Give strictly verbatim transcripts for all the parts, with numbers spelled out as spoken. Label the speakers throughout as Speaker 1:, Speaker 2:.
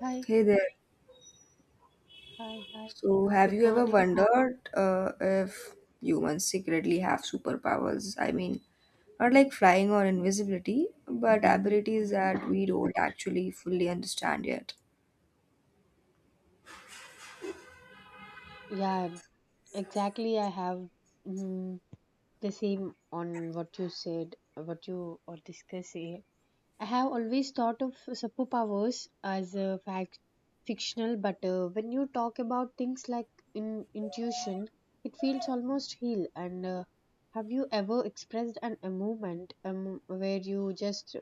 Speaker 1: Hi,
Speaker 2: Hey there.
Speaker 1: hi, hi.
Speaker 2: So, have
Speaker 1: Good
Speaker 2: you ever
Speaker 1: morning.
Speaker 2: wondered uh, if humans secretly have superpowers? I mean, not like flying or invisibility, but abilities that we don't actually fully understand yet.
Speaker 1: Yeah, exactly. I have mm, the same on what you said, what you are discussing. I have always thought of superpowers as a fact fictional, but uh, when you talk about things like in, intuition, it feels almost real. And uh, have you ever expressed an, a moment um, where you just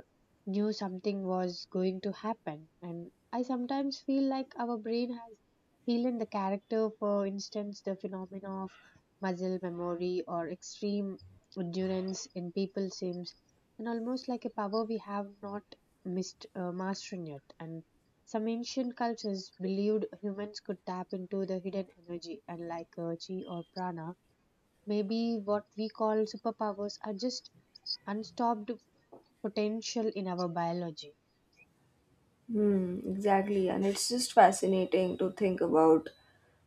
Speaker 1: knew something was going to happen? And I sometimes feel like our brain has healed the character. For instance, the phenomena of muscle memory or extreme endurance in people seems and almost like a power we have not mist, uh, mastered yet. And some ancient cultures believed humans could tap into the hidden energy, and like uh, chi or prana, maybe what we call superpowers are just unstopped potential in our biology.
Speaker 2: Hmm, exactly. And it's just fascinating to think about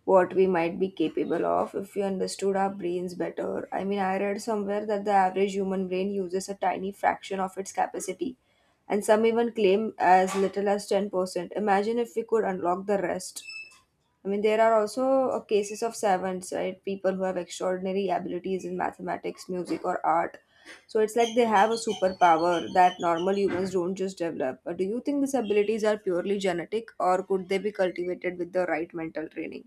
Speaker 2: what we might be capable of if we understood our brains better. I mean, I read somewhere that the average human brain uses a tiny fraction of its capacity, and some even claim as little as ten percent. Imagine if we could unlock the rest. I mean, there are also uh, cases of savants, right? People who have extraordinary abilities in mathematics, music, or art. So it's like they have a superpower that normal humans don't just develop. Uh, Do you think these abilities are purely genetic, or could they be cultivated with the right mental training?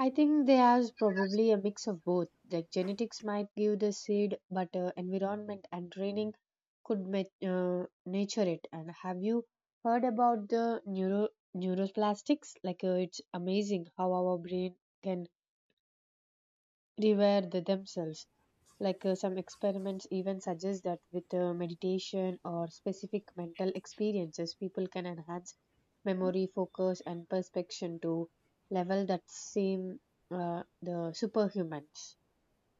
Speaker 1: I think there's probably a mix of both. Like genetics might give the seed, but uh, environment and training could ma- uh, nature it. And have you heard about the neuro neuroplastics? Like uh, it's amazing how our brain can reware the themselves. Like uh, some experiments even suggest that with uh, meditation or specific mental experiences, people can enhance memory, focus, and perception to level that seem uh, the superhumans.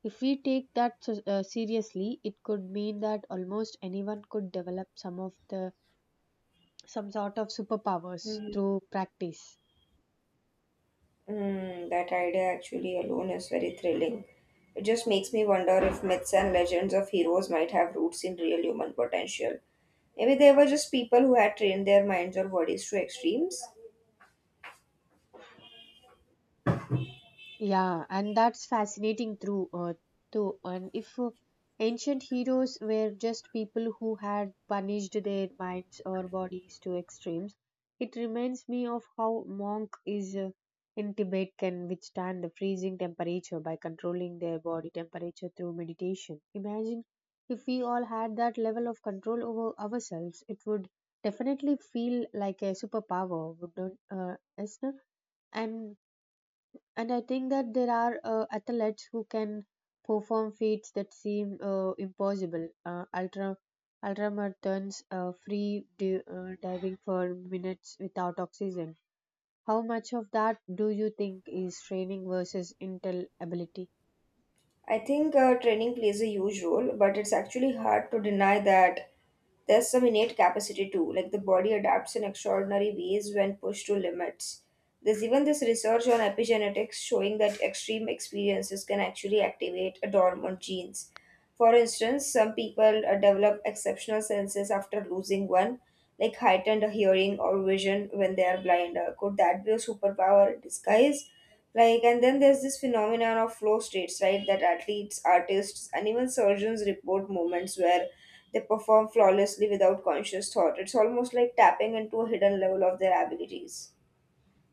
Speaker 1: If we take that s- uh, seriously, it could mean that almost anyone could develop some of the some sort of superpowers
Speaker 2: Mm,
Speaker 1: through practice.
Speaker 2: mm, that idea actually alone is very thrilling. It just makes me wonder if myths and legends of heroes might have roots in real human potential. Maybe they were just people who had trained their minds or bodies to extremes.
Speaker 1: Yeah, and that's fascinating through uh, too. And if uh, ancient heroes were just people who had punished their minds or bodies to extremes, it reminds me of how monk is uh, in Tibet can withstand the freezing temperature by controlling their body temperature through meditation. Imagine if we all had that level of control over ourselves, it would definitely feel like a superpower, wouldn't uh, Esther? And and I think that there are uh, athletes who can perform feats that seem uh, impossible. Uh, ultra ultramarathons, uh, free di- uh, diving for minutes without oxygen. How much of that do you think is training versus intel ability?
Speaker 2: I think uh, training plays a huge role, but it's actually hard to deny that there's some innate capacity too. Like the body adapts in extraordinary ways when pushed to limits. There's even this research on epigenetics showing that extreme experiences can actually activate a dormant genes. For instance, some people uh, develop exceptional senses after losing one, like heightened hearing or vision when they are blind. Uh, could that be a superpower in disguise? Like, and then there's this phenomenon of flow states, right? That athletes, artists, and even surgeons report moments where they perform flawlessly without conscious thought. It's almost like tapping into a hidden level of their abilities.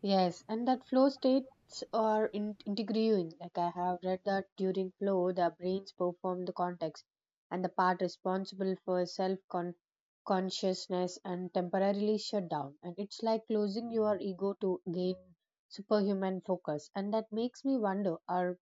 Speaker 1: Yes, and that flow states are in- integrating. Like I have read that during flow, the brains perform the context, and the part responsible for self consciousness and temporarily shut down. And it's like closing your ego to gain superhuman focus. And that makes me wonder: Are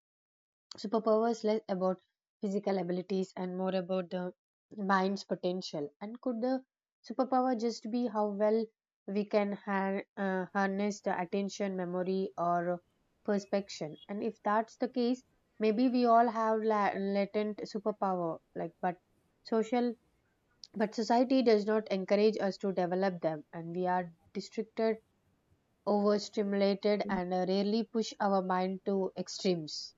Speaker 1: superpower is less about physical abilities and more about the mind's potential. And could the superpower just be how well we can har- uh, harness the attention, memory, or perspection? And if that's the case, maybe we all have la- latent superpower, like but social, but society does not encourage us to develop them, and we are distracted, overstimulated, and uh, rarely push our mind to extremes.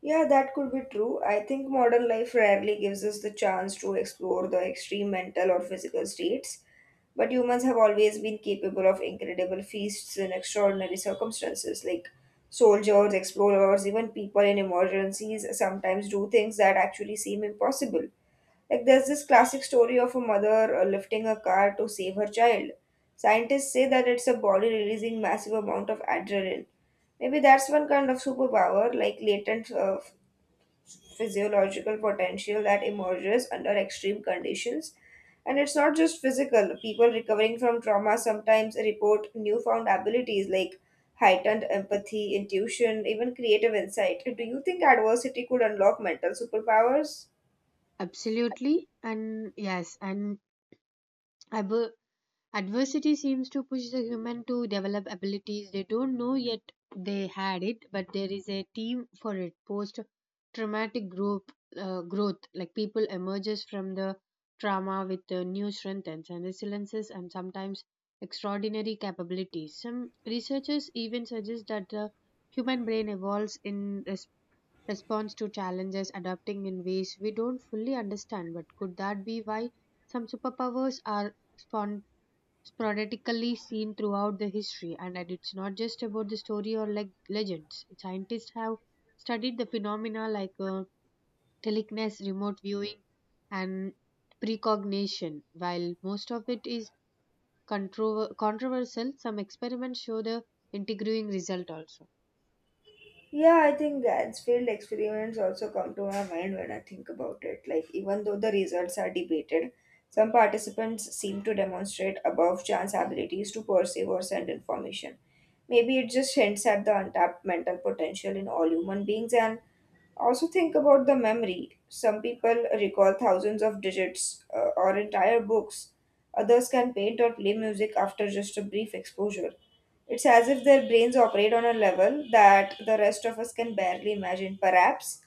Speaker 2: Yeah, that could be true. I think modern life rarely gives us the chance to explore the extreme mental or physical states, but humans have always been capable of incredible feasts in extraordinary circumstances. Like soldiers, explorers, even people in emergencies sometimes do things that actually seem impossible. Like there's this classic story of a mother uh, lifting a car to save her child. Scientists say that it's a body releasing massive amount of adrenaline, maybe that's one kind of superpower, like latent uh, physiological potential that emerges under extreme conditions. And it's not just physical. People recovering from trauma sometimes report newfound abilities like heightened empathy, intuition, even creative insight. Do you think adversity could unlock mental superpowers?
Speaker 1: Absolutely. And yes, and I, bu- adversity seems to push the human to develop abilities they don't know yet they had it, but there is a team for it. Post traumatic group uh, growth, like people emerges from the trauma with uh, new strengths and resiliences and sometimes extraordinary capabilities. Some researchers even suggest that the human brain evolves in res- response to challenges, adapting in ways we don't fully understand. But could that be why some superpowers are spawned? Sporadically seen throughout the history, and it's not just about the story or like legends. Scientists have studied the phenomena like uh, telekinesis, remote viewing, and precognition. While most of it is contro- controversial, some experiments show the intriguing result also.
Speaker 2: Yeah, I think Gansfield experiments also come to my mind when I think about it. Like, even though the results are debated, some participants seem to demonstrate above chance abilities to perceive or send information. Maybe it just hints at the untapped mental potential in all human beings, and also, think about the memory. Some people recall thousands of digits uh, or entire books. Others can paint or play music after just a brief exposure. It's as if their brains operate on a level that the rest of us can barely imagine. Perhaps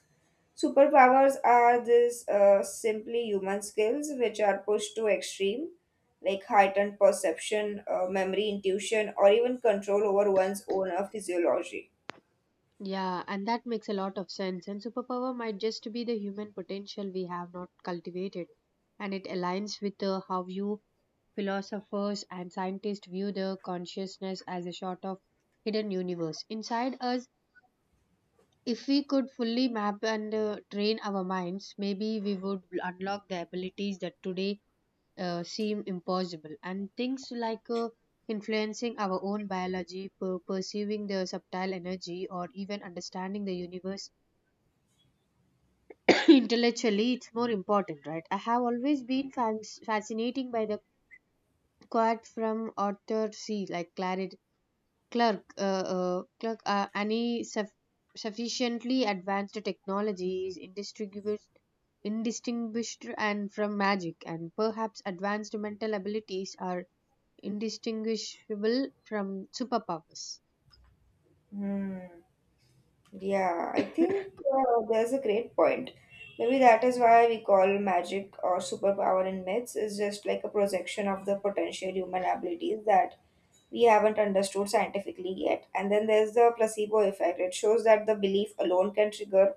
Speaker 2: superpowers are these uh, simply human skills which are pushed to extreme, like heightened perception, uh, memory, intuition, or even control over one's own uh, physiology.
Speaker 1: Yeah, and that makes a lot of sense. And superpower might just be the human potential we have not cultivated. And it aligns with uh, how you philosophers and scientists view the consciousness as a sort of hidden universe inside us. If we could fully map and uh, train our minds, maybe we would unlock the abilities that today uh, seem impossible. And things like uh, influencing our own biology, per- perceiving the subtle energy, or even understanding the universe intellectually, it's more important, right? I have always been fans fascinating by the quote from Arthur C., like clarity Clerk, uh, uh, clerk, uh, any suff- sufficiently advanced technology is indistinguishable indistinguished and from magic, and perhaps advanced mental abilities are indistinguishable from superpowers.
Speaker 2: Hmm. Yeah, I think uh, there's a great point. Maybe that is why we call magic or superpower in myths is just like a projection of the potential human abilities that we haven't understood scientifically yet. And then there's the placebo effect. It shows that the belief alone can trigger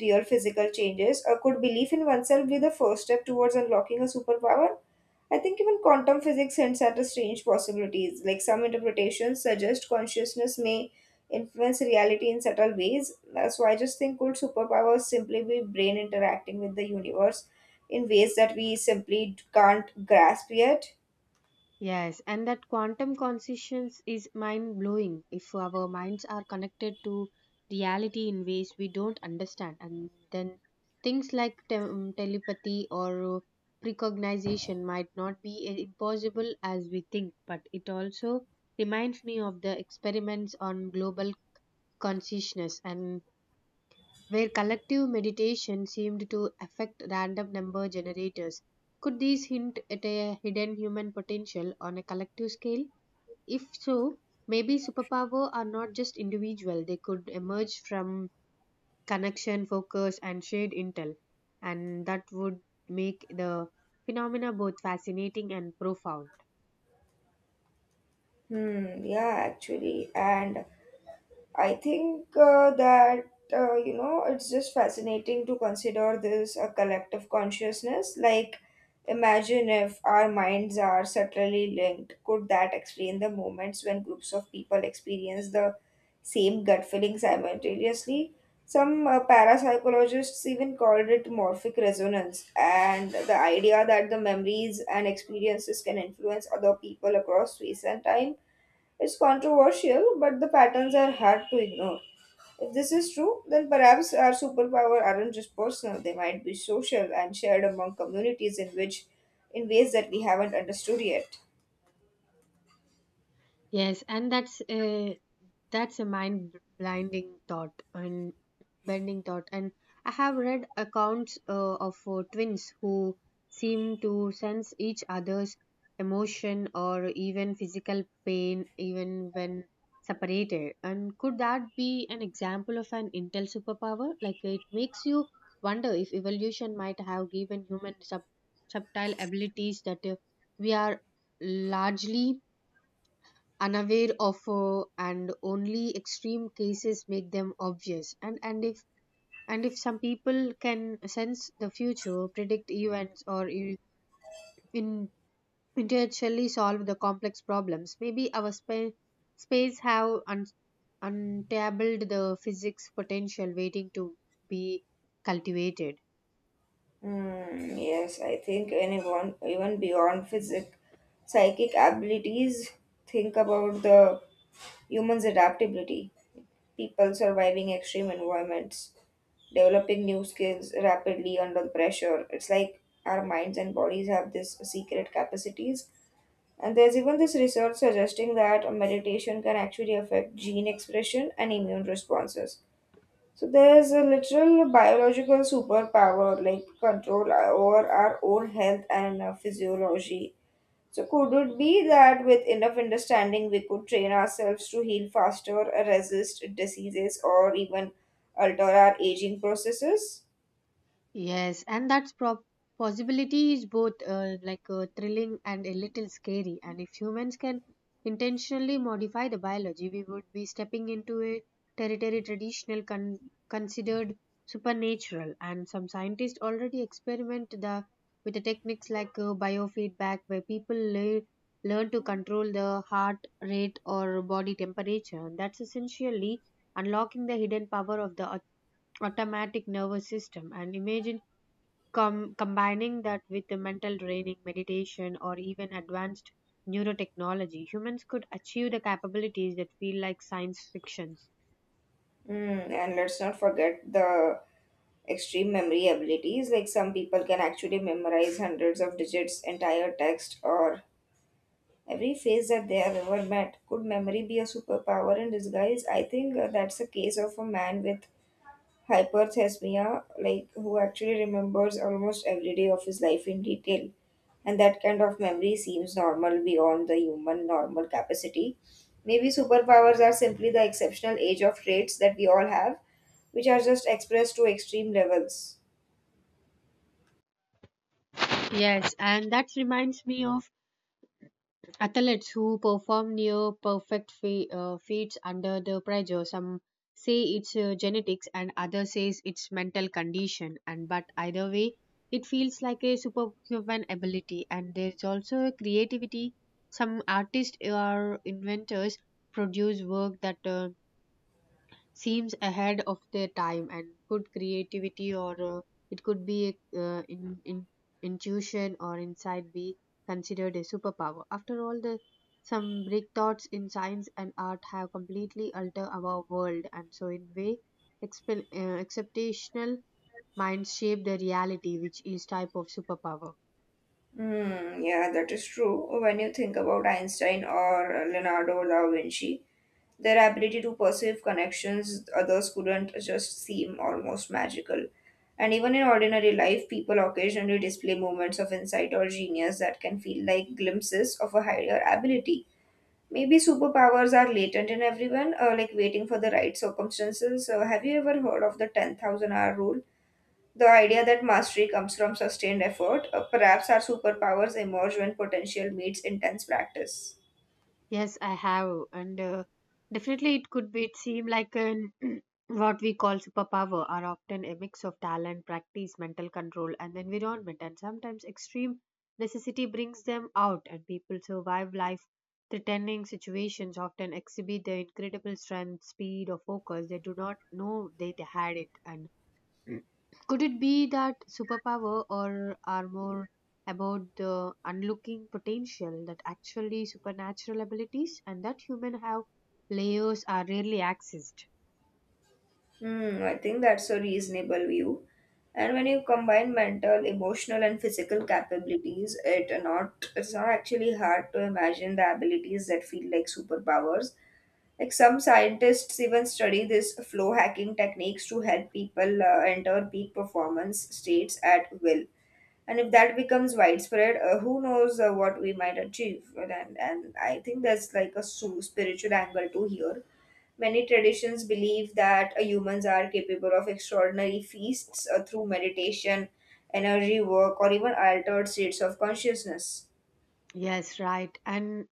Speaker 2: real physical changes, or could belief in oneself be the first step towards unlocking a superpower? I think even quantum physics hints at the strange possibilities. Like some interpretations suggest consciousness may influence reality in subtle ways. Uh, So I just think, could superpowers simply be brain interacting with the universe in ways that we simply can't grasp yet?
Speaker 1: Yes, and that quantum consciousness is mind blowing. If our minds are connected to reality in ways we don't understand. And then things like te- um, telepathy or uh, precognition might not be i- impossible as we think, but it also reminds me of the experiments on global consciousness and where collective meditation seemed to affect random number generators. Could these hint at a hidden human potential on a collective scale? If so, maybe superpower are not just individual, they could emerge from connection, focus, and shared intel. And that would make the phenomena both fascinating and profound.
Speaker 2: Hmm, yeah, actually. And I think uh, that uh, you know it's just fascinating to consider this a collective consciousness. Like, imagine if our minds are subtly linked. Could that explain the moments when groups of people experience the same gut feeling simultaneously? Some uh, parapsychologists even called it morphic resonance, and the idea that the memories and experiences can influence other people across space and time, it's controversial, but the patterns are hard to ignore. If this is true, then perhaps our superpower aren't just personal, they might be social and shared among communities in which in ways that we haven't understood yet.
Speaker 1: Yes, and that's uh, That's a mind blinding thought and bending thought. And I have read accounts uh, of uh, twins who seem to sense each other's emotion or even physical pain, even when separated. And could that be an example of an intel superpower? Like it makes you wonder if evolution might have given human sub- subtle abilities that uh, we are largely unaware of uh, and only extreme cases make them obvious. And and if and if some people can sense the future, predict events, or in, in intellectually solve the complex problems, maybe our spa- space have un- untabled the physics potential waiting to be cultivated.
Speaker 2: Hmm, yes, I think anyone, even beyond physic, psychic abilities, think about the human's adaptability, people surviving extreme environments, developing new skills rapidly under the pressure. It's like our minds and bodies have this secret capacities. And there's even this research suggesting that meditation can actually affect gene expression and immune responses. So there's a literal biological superpower, like control over our own health and uh, physiology. So could it be that with enough understanding we could train ourselves to heal faster, resist diseases, or even alter our aging processes?
Speaker 1: Yes, and that's prob Possibility is both uh, like uh, thrilling and a little scary. And if humans can intentionally modify the biology, we would be stepping into a territory traditional con considered supernatural. And some scientists already experiment the with the techniques like uh, biofeedback, where people le learn to control the heart rate or body temperature. And that's essentially unlocking the hidden power of the au- automatic nervous system. And imagine Com- combining that with the mental training, meditation, or even advanced neurotechnology, humans could achieve the capabilities that feel like science fictions.
Speaker 2: Mm, and let's not forget the extreme memory abilities. Like some people can actually memorize hundreds of digits, entire text, or every face that they have ever met. Could memory be a superpower in disguise? I think uh, that's a case of a man with hyperthesmia, like who actually remembers almost every day of his life in detail. And that kind of memory seems normal beyond the human normal capacity. Maybe superpowers are simply the exceptional age of traits that we all have which are just expressed to extreme levels.
Speaker 1: Yes, and that reminds me of athletes who perform near perfect fe- uh, feats under the pressure. Some say it's uh, genetics and others says it's mental condition, and but either way it feels like a superhuman ability. And there's also a creativity. Some artists or inventors produce work that uh, seems ahead of their time. And could creativity, or uh, it could be uh, in, in intuition or insight, be considered a superpower? After all, the some breakthroughs in science and art have completely altered our world, and so in way exp- uh, exceptional minds shape the reality, which is type of superpower.
Speaker 2: Hmm, yeah, that is true. When you think about Einstein or Leonardo da Vinci, their ability to perceive connections others couldn't just seem almost magical. And even in ordinary life, people occasionally display moments of insight or genius that can feel like glimpses of a higher ability. Maybe superpowers are latent in everyone, uh, like waiting for the right circumstances. Uh, have you ever heard of the ten thousand hour rule? The idea that mastery comes from sustained effort. Uh, perhaps our superpowers emerge when potential meets intense practice.
Speaker 1: Yes, I have, and uh, definitely it could be. It seem like an what we call superpower are often a mix of talent, practice, mental control, and environment, and sometimes extreme necessity brings them out, and people survive life threatening situations. Often exhibit their incredible strength, speed, or focus they do not know they had it. And could it be that superpower or are more about the unlooking potential that actually supernatural abilities, and that human have layers are rarely accessed?
Speaker 2: Hmm, I think that's a reasonable view. And when you combine mental, emotional, and physical capabilities, it not it's not actually hard to imagine the abilities that feel like superpowers. Like some scientists even study this flow hacking techniques to help people uh, enter peak performance states at will. And if that becomes widespread, uh, who knows uh, what we might achieve. And, and i think there's like a su- spiritual angle to here. Many traditions believe that uh, humans are capable of extraordinary feasts uh, through meditation, energy work, or even altered states of consciousness.
Speaker 1: Yes, right. And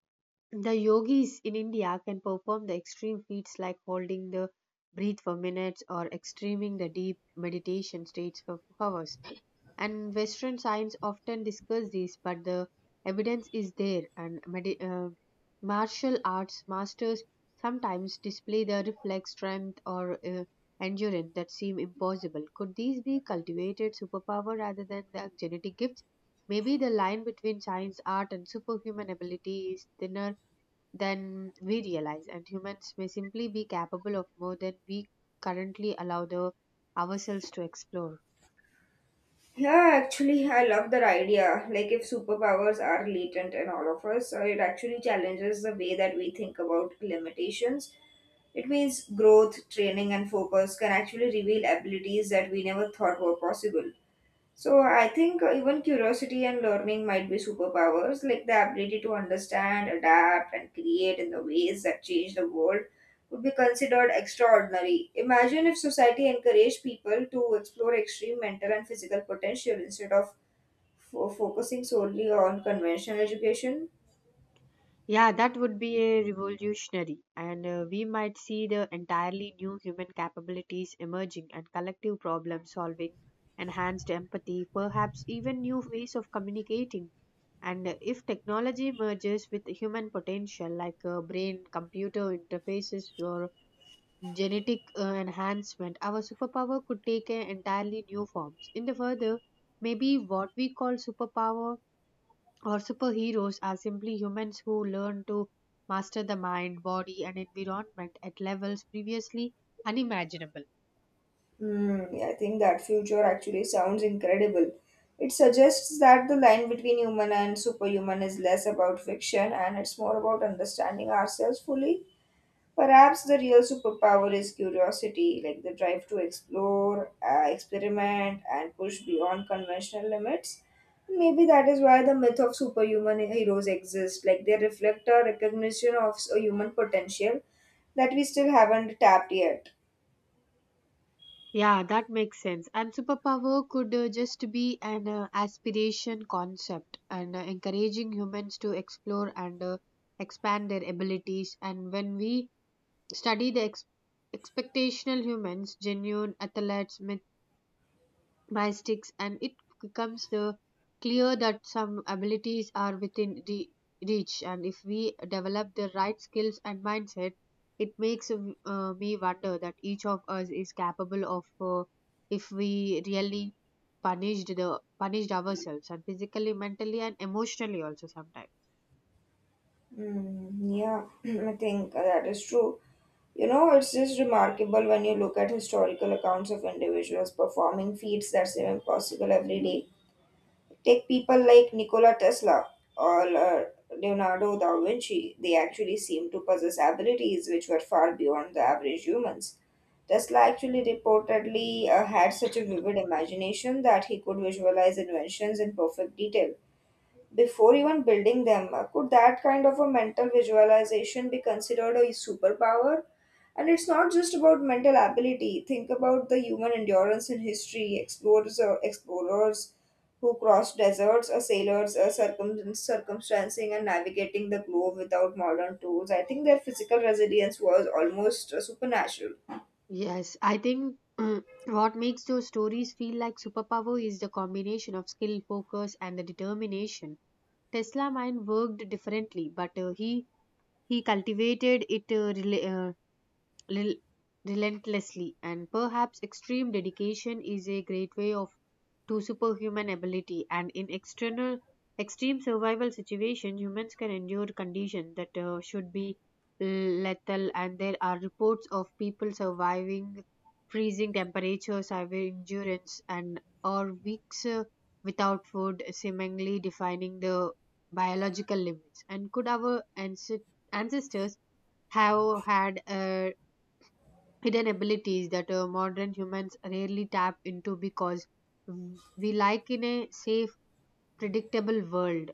Speaker 1: the yogis in India can perform the extreme feats like holding the breath for minutes or extreming the deep meditation states for hours. And Western science often discuss this, but the evidence is there. And medi- uh, martial arts masters sometimes display the reflex strength or uh, endurance that seem impossible. Could these be cultivated superpower rather than the genetic gifts? Maybe the line between science, art, and superhuman ability is thinner than we realize, and humans may simply be capable of more than we currently allow the, ourselves to explore.
Speaker 2: Yeah, actually I love that idea. Like if superpowers are latent in all of us, uh, it actually challenges the way that we think about limitations. It means growth, training, and focus can actually reveal abilities that we never thought were possible. So I think uh, even curiosity and learning might be superpowers, like the ability to understand, adapt, and create in the ways that change the world would be considered extraordinary. Imagine if society encouraged people to explore extreme mental and physical potential instead of fo- focusing solely on conventional education.
Speaker 1: Yeah, that would be a revolutionary, and uh, we might see the entirely new human capabilities emerging, and collective problem solving, enhanced empathy, perhaps even new ways of communicating. And uh, if technology merges with human potential, like uh, brain computer interfaces or genetic uh, enhancement, our superpower could take uh, entirely new forms. In the further, maybe what we call superpower or superheroes are simply humans who learn to master the mind, body, and environment at levels previously unimaginable.
Speaker 2: Hmm, yeah, I think that future actually sounds incredible. It suggests that the line between human and superhuman is less about fiction and it's more about understanding ourselves fully. Perhaps the real superpower is curiosity, like the drive to explore, uh, experiment, and push beyond conventional limits. Maybe that is why the myth of superhuman heroes exists. Like they reflect a recognition of s- a human potential that we still haven't tapped yet.
Speaker 1: Yeah, that makes sense. And superpower could uh, just be an uh, aspiration concept and uh, encouraging humans to explore and uh, expand their abilities. And when we study the ex- expectational humans, genuine athletes, myth- mystics, and it becomes the clear that some abilities are within the reach. And if we develop the right skills and mindset, it makes um, uh, me wonder that each of us is capable of uh, if we really punished the punished ourselves, and physically, mentally, and emotionally also sometimes.
Speaker 2: Mm, yeah, I think that is true. You know, it's just remarkable when you look at historical accounts of individuals performing feats that seem impossible every day. Take people like Nikola Tesla or uh, Leonardo da Vinci. They actually seem to possess abilities which were far beyond the average humans. Tesla actually reportedly uh, had such a vivid imagination that he could visualize inventions in perfect detail before even building them. Uh, Could that kind of a mental visualization be considered a superpower? And it's not just about mental ability. Think about the human endurance in history, explorers or explorers who crossed deserts or sailors or circum- circumstancing and navigating the globe without modern tools. I think their physical resilience was almost uh, supernatural.
Speaker 1: Yes, I think mm, what makes those stories feel like superpower is the combination of skill, focus, and the determination. Tesla mind worked differently, but uh, he he cultivated it uh, rel- relentlessly, and perhaps extreme dedication is a great way of to superhuman ability. And in external extreme survival situation, humans can endure conditions that uh, should be lethal, and there are reports of people surviving freezing temperatures, severe endurance, and or weeks uh, without food, seemingly defining the biological limits. And could our ancest- ancestors have had uh, hidden abilities that uh, modern humans rarely tap into because w- we like in a safe, predictable world?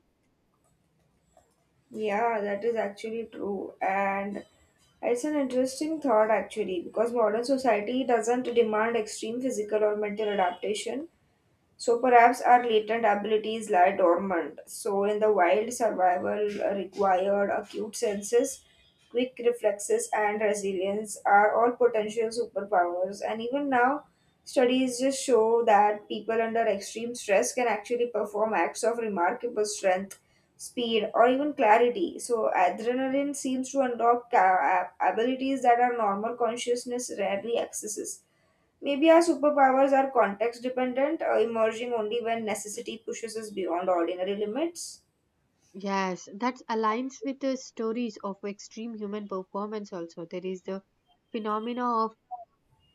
Speaker 2: Yeah, that is actually true. And it's an interesting thought, actually, because modern society doesn't demand extreme physical or mental adaptation. So perhaps our latent abilities lie dormant. So in the wild, survival required acute senses, quick reflexes, and resilience are all potential superpowers. And even now, studies just show that people under extreme stress can actually perform acts of remarkable strength, speed, or even clarity. So adrenaline seems to unlock ca- abilities that our normal consciousness rarely accesses. Maybe our superpowers are context dependent, uh, emerging only when necessity pushes us beyond ordinary limits.
Speaker 1: Yes, that aligns with the stories of extreme human performance also. There is the phenomena of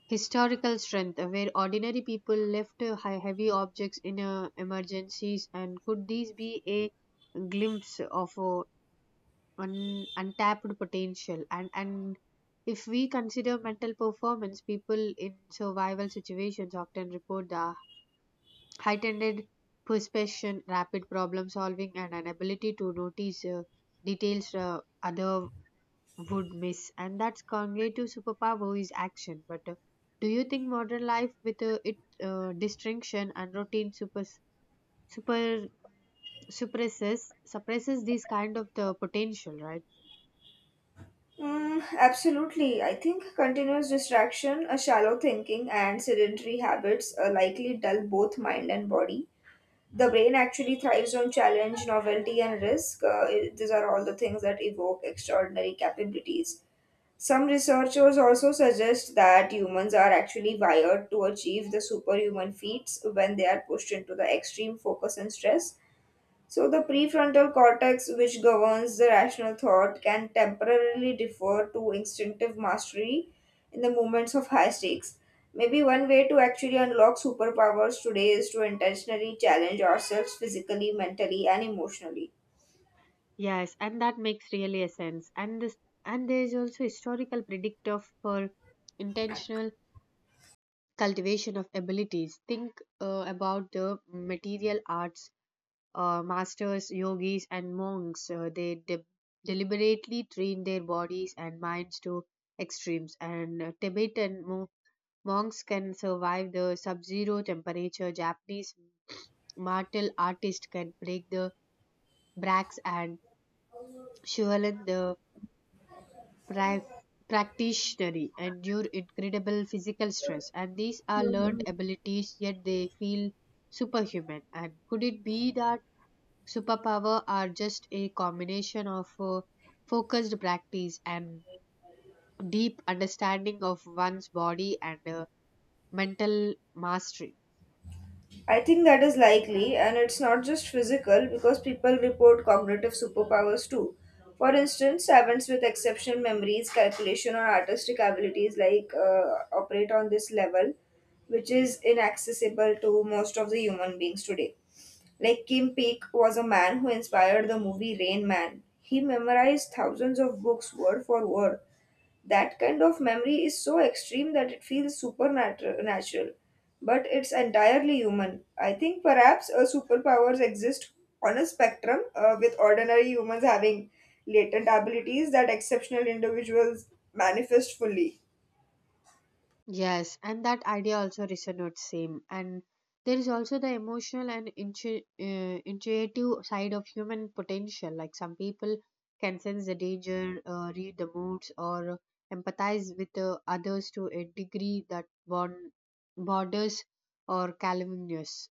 Speaker 1: historical strength, uh, where ordinary people left uh, hea- heavy objects in uh, emergencies. And could these be a glimpse of uh, un, untapped potential? And and if we consider mental performance, people in survival situations often report the heightened perception, rapid problem solving, and an ability to notice uh, details uh, other would miss. And that's cognitive superpower is action, but uh, do you think modern life with uh, its uh, distinction and routine super super suppresses suppresses these kind of the potential, right?
Speaker 2: Mm, absolutely. I think continuous distraction, a shallow thinking, and sedentary habits uh, likely dull both mind and body. The brain actually thrives on challenge, novelty, and risk. Uh, it- these are all the things that evoke extraordinary capabilities. Some researchers also suggest that humans are actually wired to achieve the superhuman feats when they are pushed into the extreme focus and stress. So, the prefrontal cortex, which governs the rational thought, can temporarily defer to instinctive mastery in the moments of high stakes. Maybe one way to actually unlock superpowers today is to intentionally challenge ourselves physically, mentally, and emotionally.
Speaker 1: Yes, and that makes really a sense. And this and there is also historical predictor for intentional cultivation of abilities. Think uh, about the material arts, uh, masters, yogis, and monks. Uh, they de- deliberately train their bodies and minds to extremes. And uh, Tibetan mo- monks can survive the sub-zero temperature. Japanese martial artists can break the bracts, and Shualen the prac- practitioners endure incredible physical stress, and these are learned
Speaker 2: Mhm.
Speaker 1: abilities, yet they feel superhuman. And could it be that superpower are just a combination of uh, focused practice and deep understanding of one's body and uh, mental mastery?
Speaker 2: I think that is likely, and it's not just physical because people report cognitive superpowers too. For instance, savants with exceptional memories, calculation, or artistic abilities like uh, operate on this level, which is inaccessible to most of the human beings today. Like Kim Peek was a man who inspired the movie Rain Man. He memorized thousands of books word for word. That kind of memory is so extreme that it feels supernatural, natural, but it's entirely human. I think perhaps uh, superpowers exist on a spectrum, uh, with ordinary humans having latent abilities that exceptional individuals manifest fully.
Speaker 1: Yes, and that idea also resonates same. And there is also the emotional and intu- uh, intuitive side of human potential. Like some people can sense the danger, uh, read the moods, or empathize with uh, others to a degree that bon- borders or calumnious.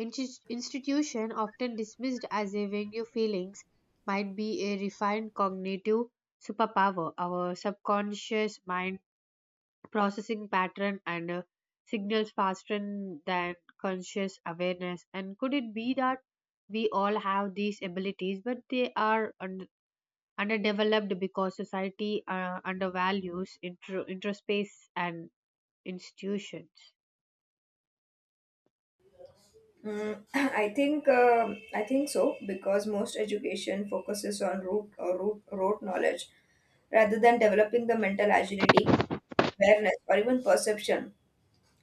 Speaker 1: Insti- institution often dismissed as a venue feelings might be a refined cognitive superpower. Our subconscious mind processing pattern and uh, signals faster than conscious awareness. And could it be that we all have these abilities, but they are un- underdeveloped because society uh, undervalues intro- introspace and institutions?
Speaker 2: Mm, I think um I think so because most education focuses on root or root rote knowledge rather than developing the mental agility, awareness, or even perception.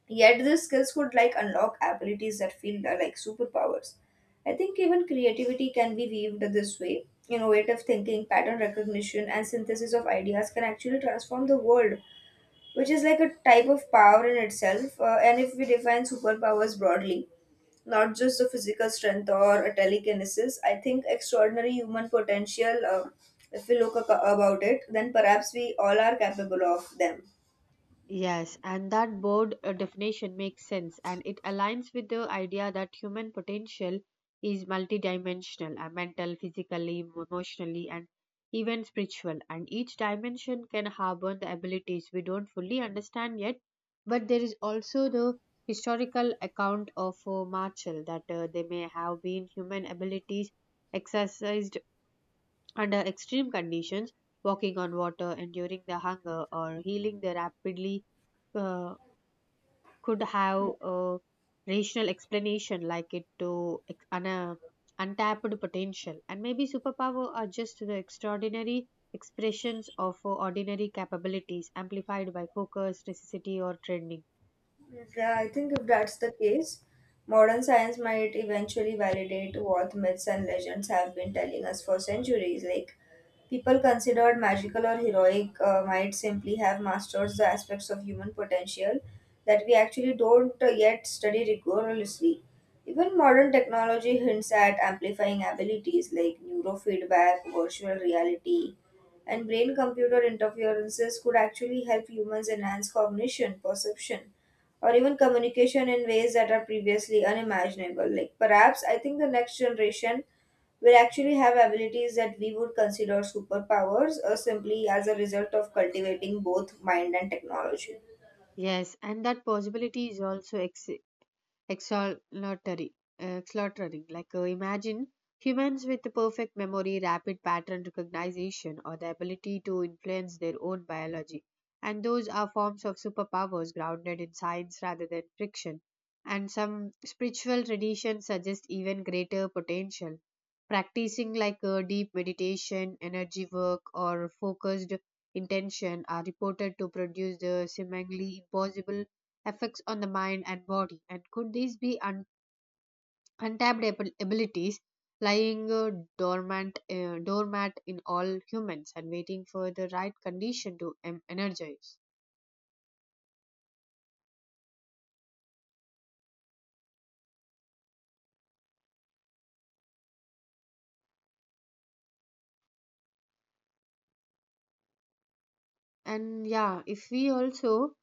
Speaker 2: Yet these skills could like unlock abilities that feel uh, like superpowers. I think even creativity can be weaved this way. Innovative thinking, pattern recognition, and synthesis of ideas can actually transform the world, which is like a type of power in itself. Uh, and if we define superpowers broadly, not just the physical strength or a telekinesis, I think extraordinary human potential, uh, if we look ac- about it, then perhaps we all are capable of them.
Speaker 1: Yes, and that broad uh, definition makes sense, and it aligns with the idea that human potential is multidimensional, uh, mental, physically, emotionally, and even spiritual. And each dimension can harbor the abilities we don't fully understand yet. But there is also the historical account of uh, Marshall that uh, they may have been human abilities exercised under extreme conditions, walking on water, enduring the hunger, or healing the rapidly, uh, could have a rational explanation, like it to ex- an uh, untapped potential. And maybe superpower are just the extraordinary expressions of uh, ordinary capabilities, amplified by focus, necessity, or training.
Speaker 2: Yeah, I think if that's the case, modern science might eventually validate what myths and legends have been telling us for centuries. Like, people considered magical or heroic uh, might simply have mastered the aspects of human potential that we actually don't uh, yet study rigorously. Even modern technology hints at amplifying abilities like neurofeedback, virtual reality, and brain computer interferences could actually help humans enhance cognition, perception or even communication in ways that are previously unimaginable. Like perhaps I think the next generation will actually have abilities that we would consider superpowers or simply as a result of cultivating both mind and technology.
Speaker 1: Yes, and that possibility is also ex- extraordinary, extraordinary. Like uh, imagine humans with perfect memory, rapid pattern recognition, or the ability to influence their own biology. And those are forms of superpowers grounded in science rather than fiction. And some spiritual traditions suggest even greater potential. Practicing like a deep meditation, energy work, or focused intention are reported to produce the seemingly impossible effects on the mind and body. And could these be un- untapped ab- abilities lying uh, dormant, uh, dormant in all humans and waiting for the right condition to em- energize? And yeah, if we also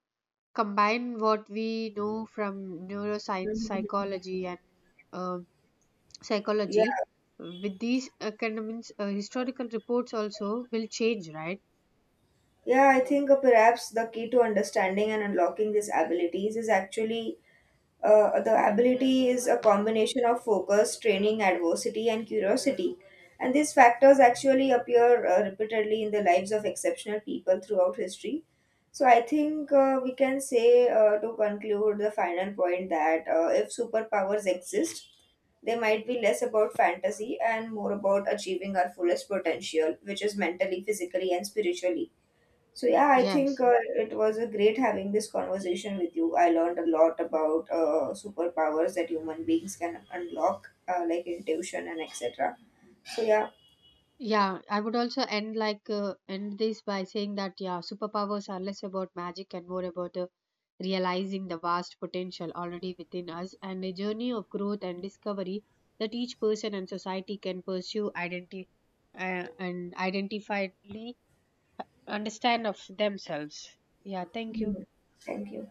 Speaker 1: combine what we know from neuroscience,
Speaker 2: Mhm.
Speaker 1: psychology, and uh,
Speaker 2: Yeah.
Speaker 1: psychology with these academics, uh, historical reports also will change, right?
Speaker 2: Yeah, I think uh, perhaps the key to understanding and unlocking these abilities is actually Uh, the ability is a combination of focus, training, adversity, and curiosity. And these factors actually appear uh, repeatedly in the lives of exceptional people throughout history. So I think uh, we can say, uh, to conclude the final point, that uh, if superpowers exist, they might be less about fantasy and more about achieving our fullest potential, which is mentally, physically, and spiritually. So yeah, I think
Speaker 1: Yes.
Speaker 2: uh, it was a great having this conversation with you. I learned a lot about uh, superpowers that human beings can unlock, uh, like intuition and et cetera. So yeah,
Speaker 1: Yeah, I would also end like uh, end this by saying that yeah, superpowers are less about magic and more about uh, realizing the vast potential already within us, and a journey of growth and discovery that each person and society can pursue identi- uh, and identifiably understand of themselves. Yeah, thank you.
Speaker 2: Mhm. Thank you.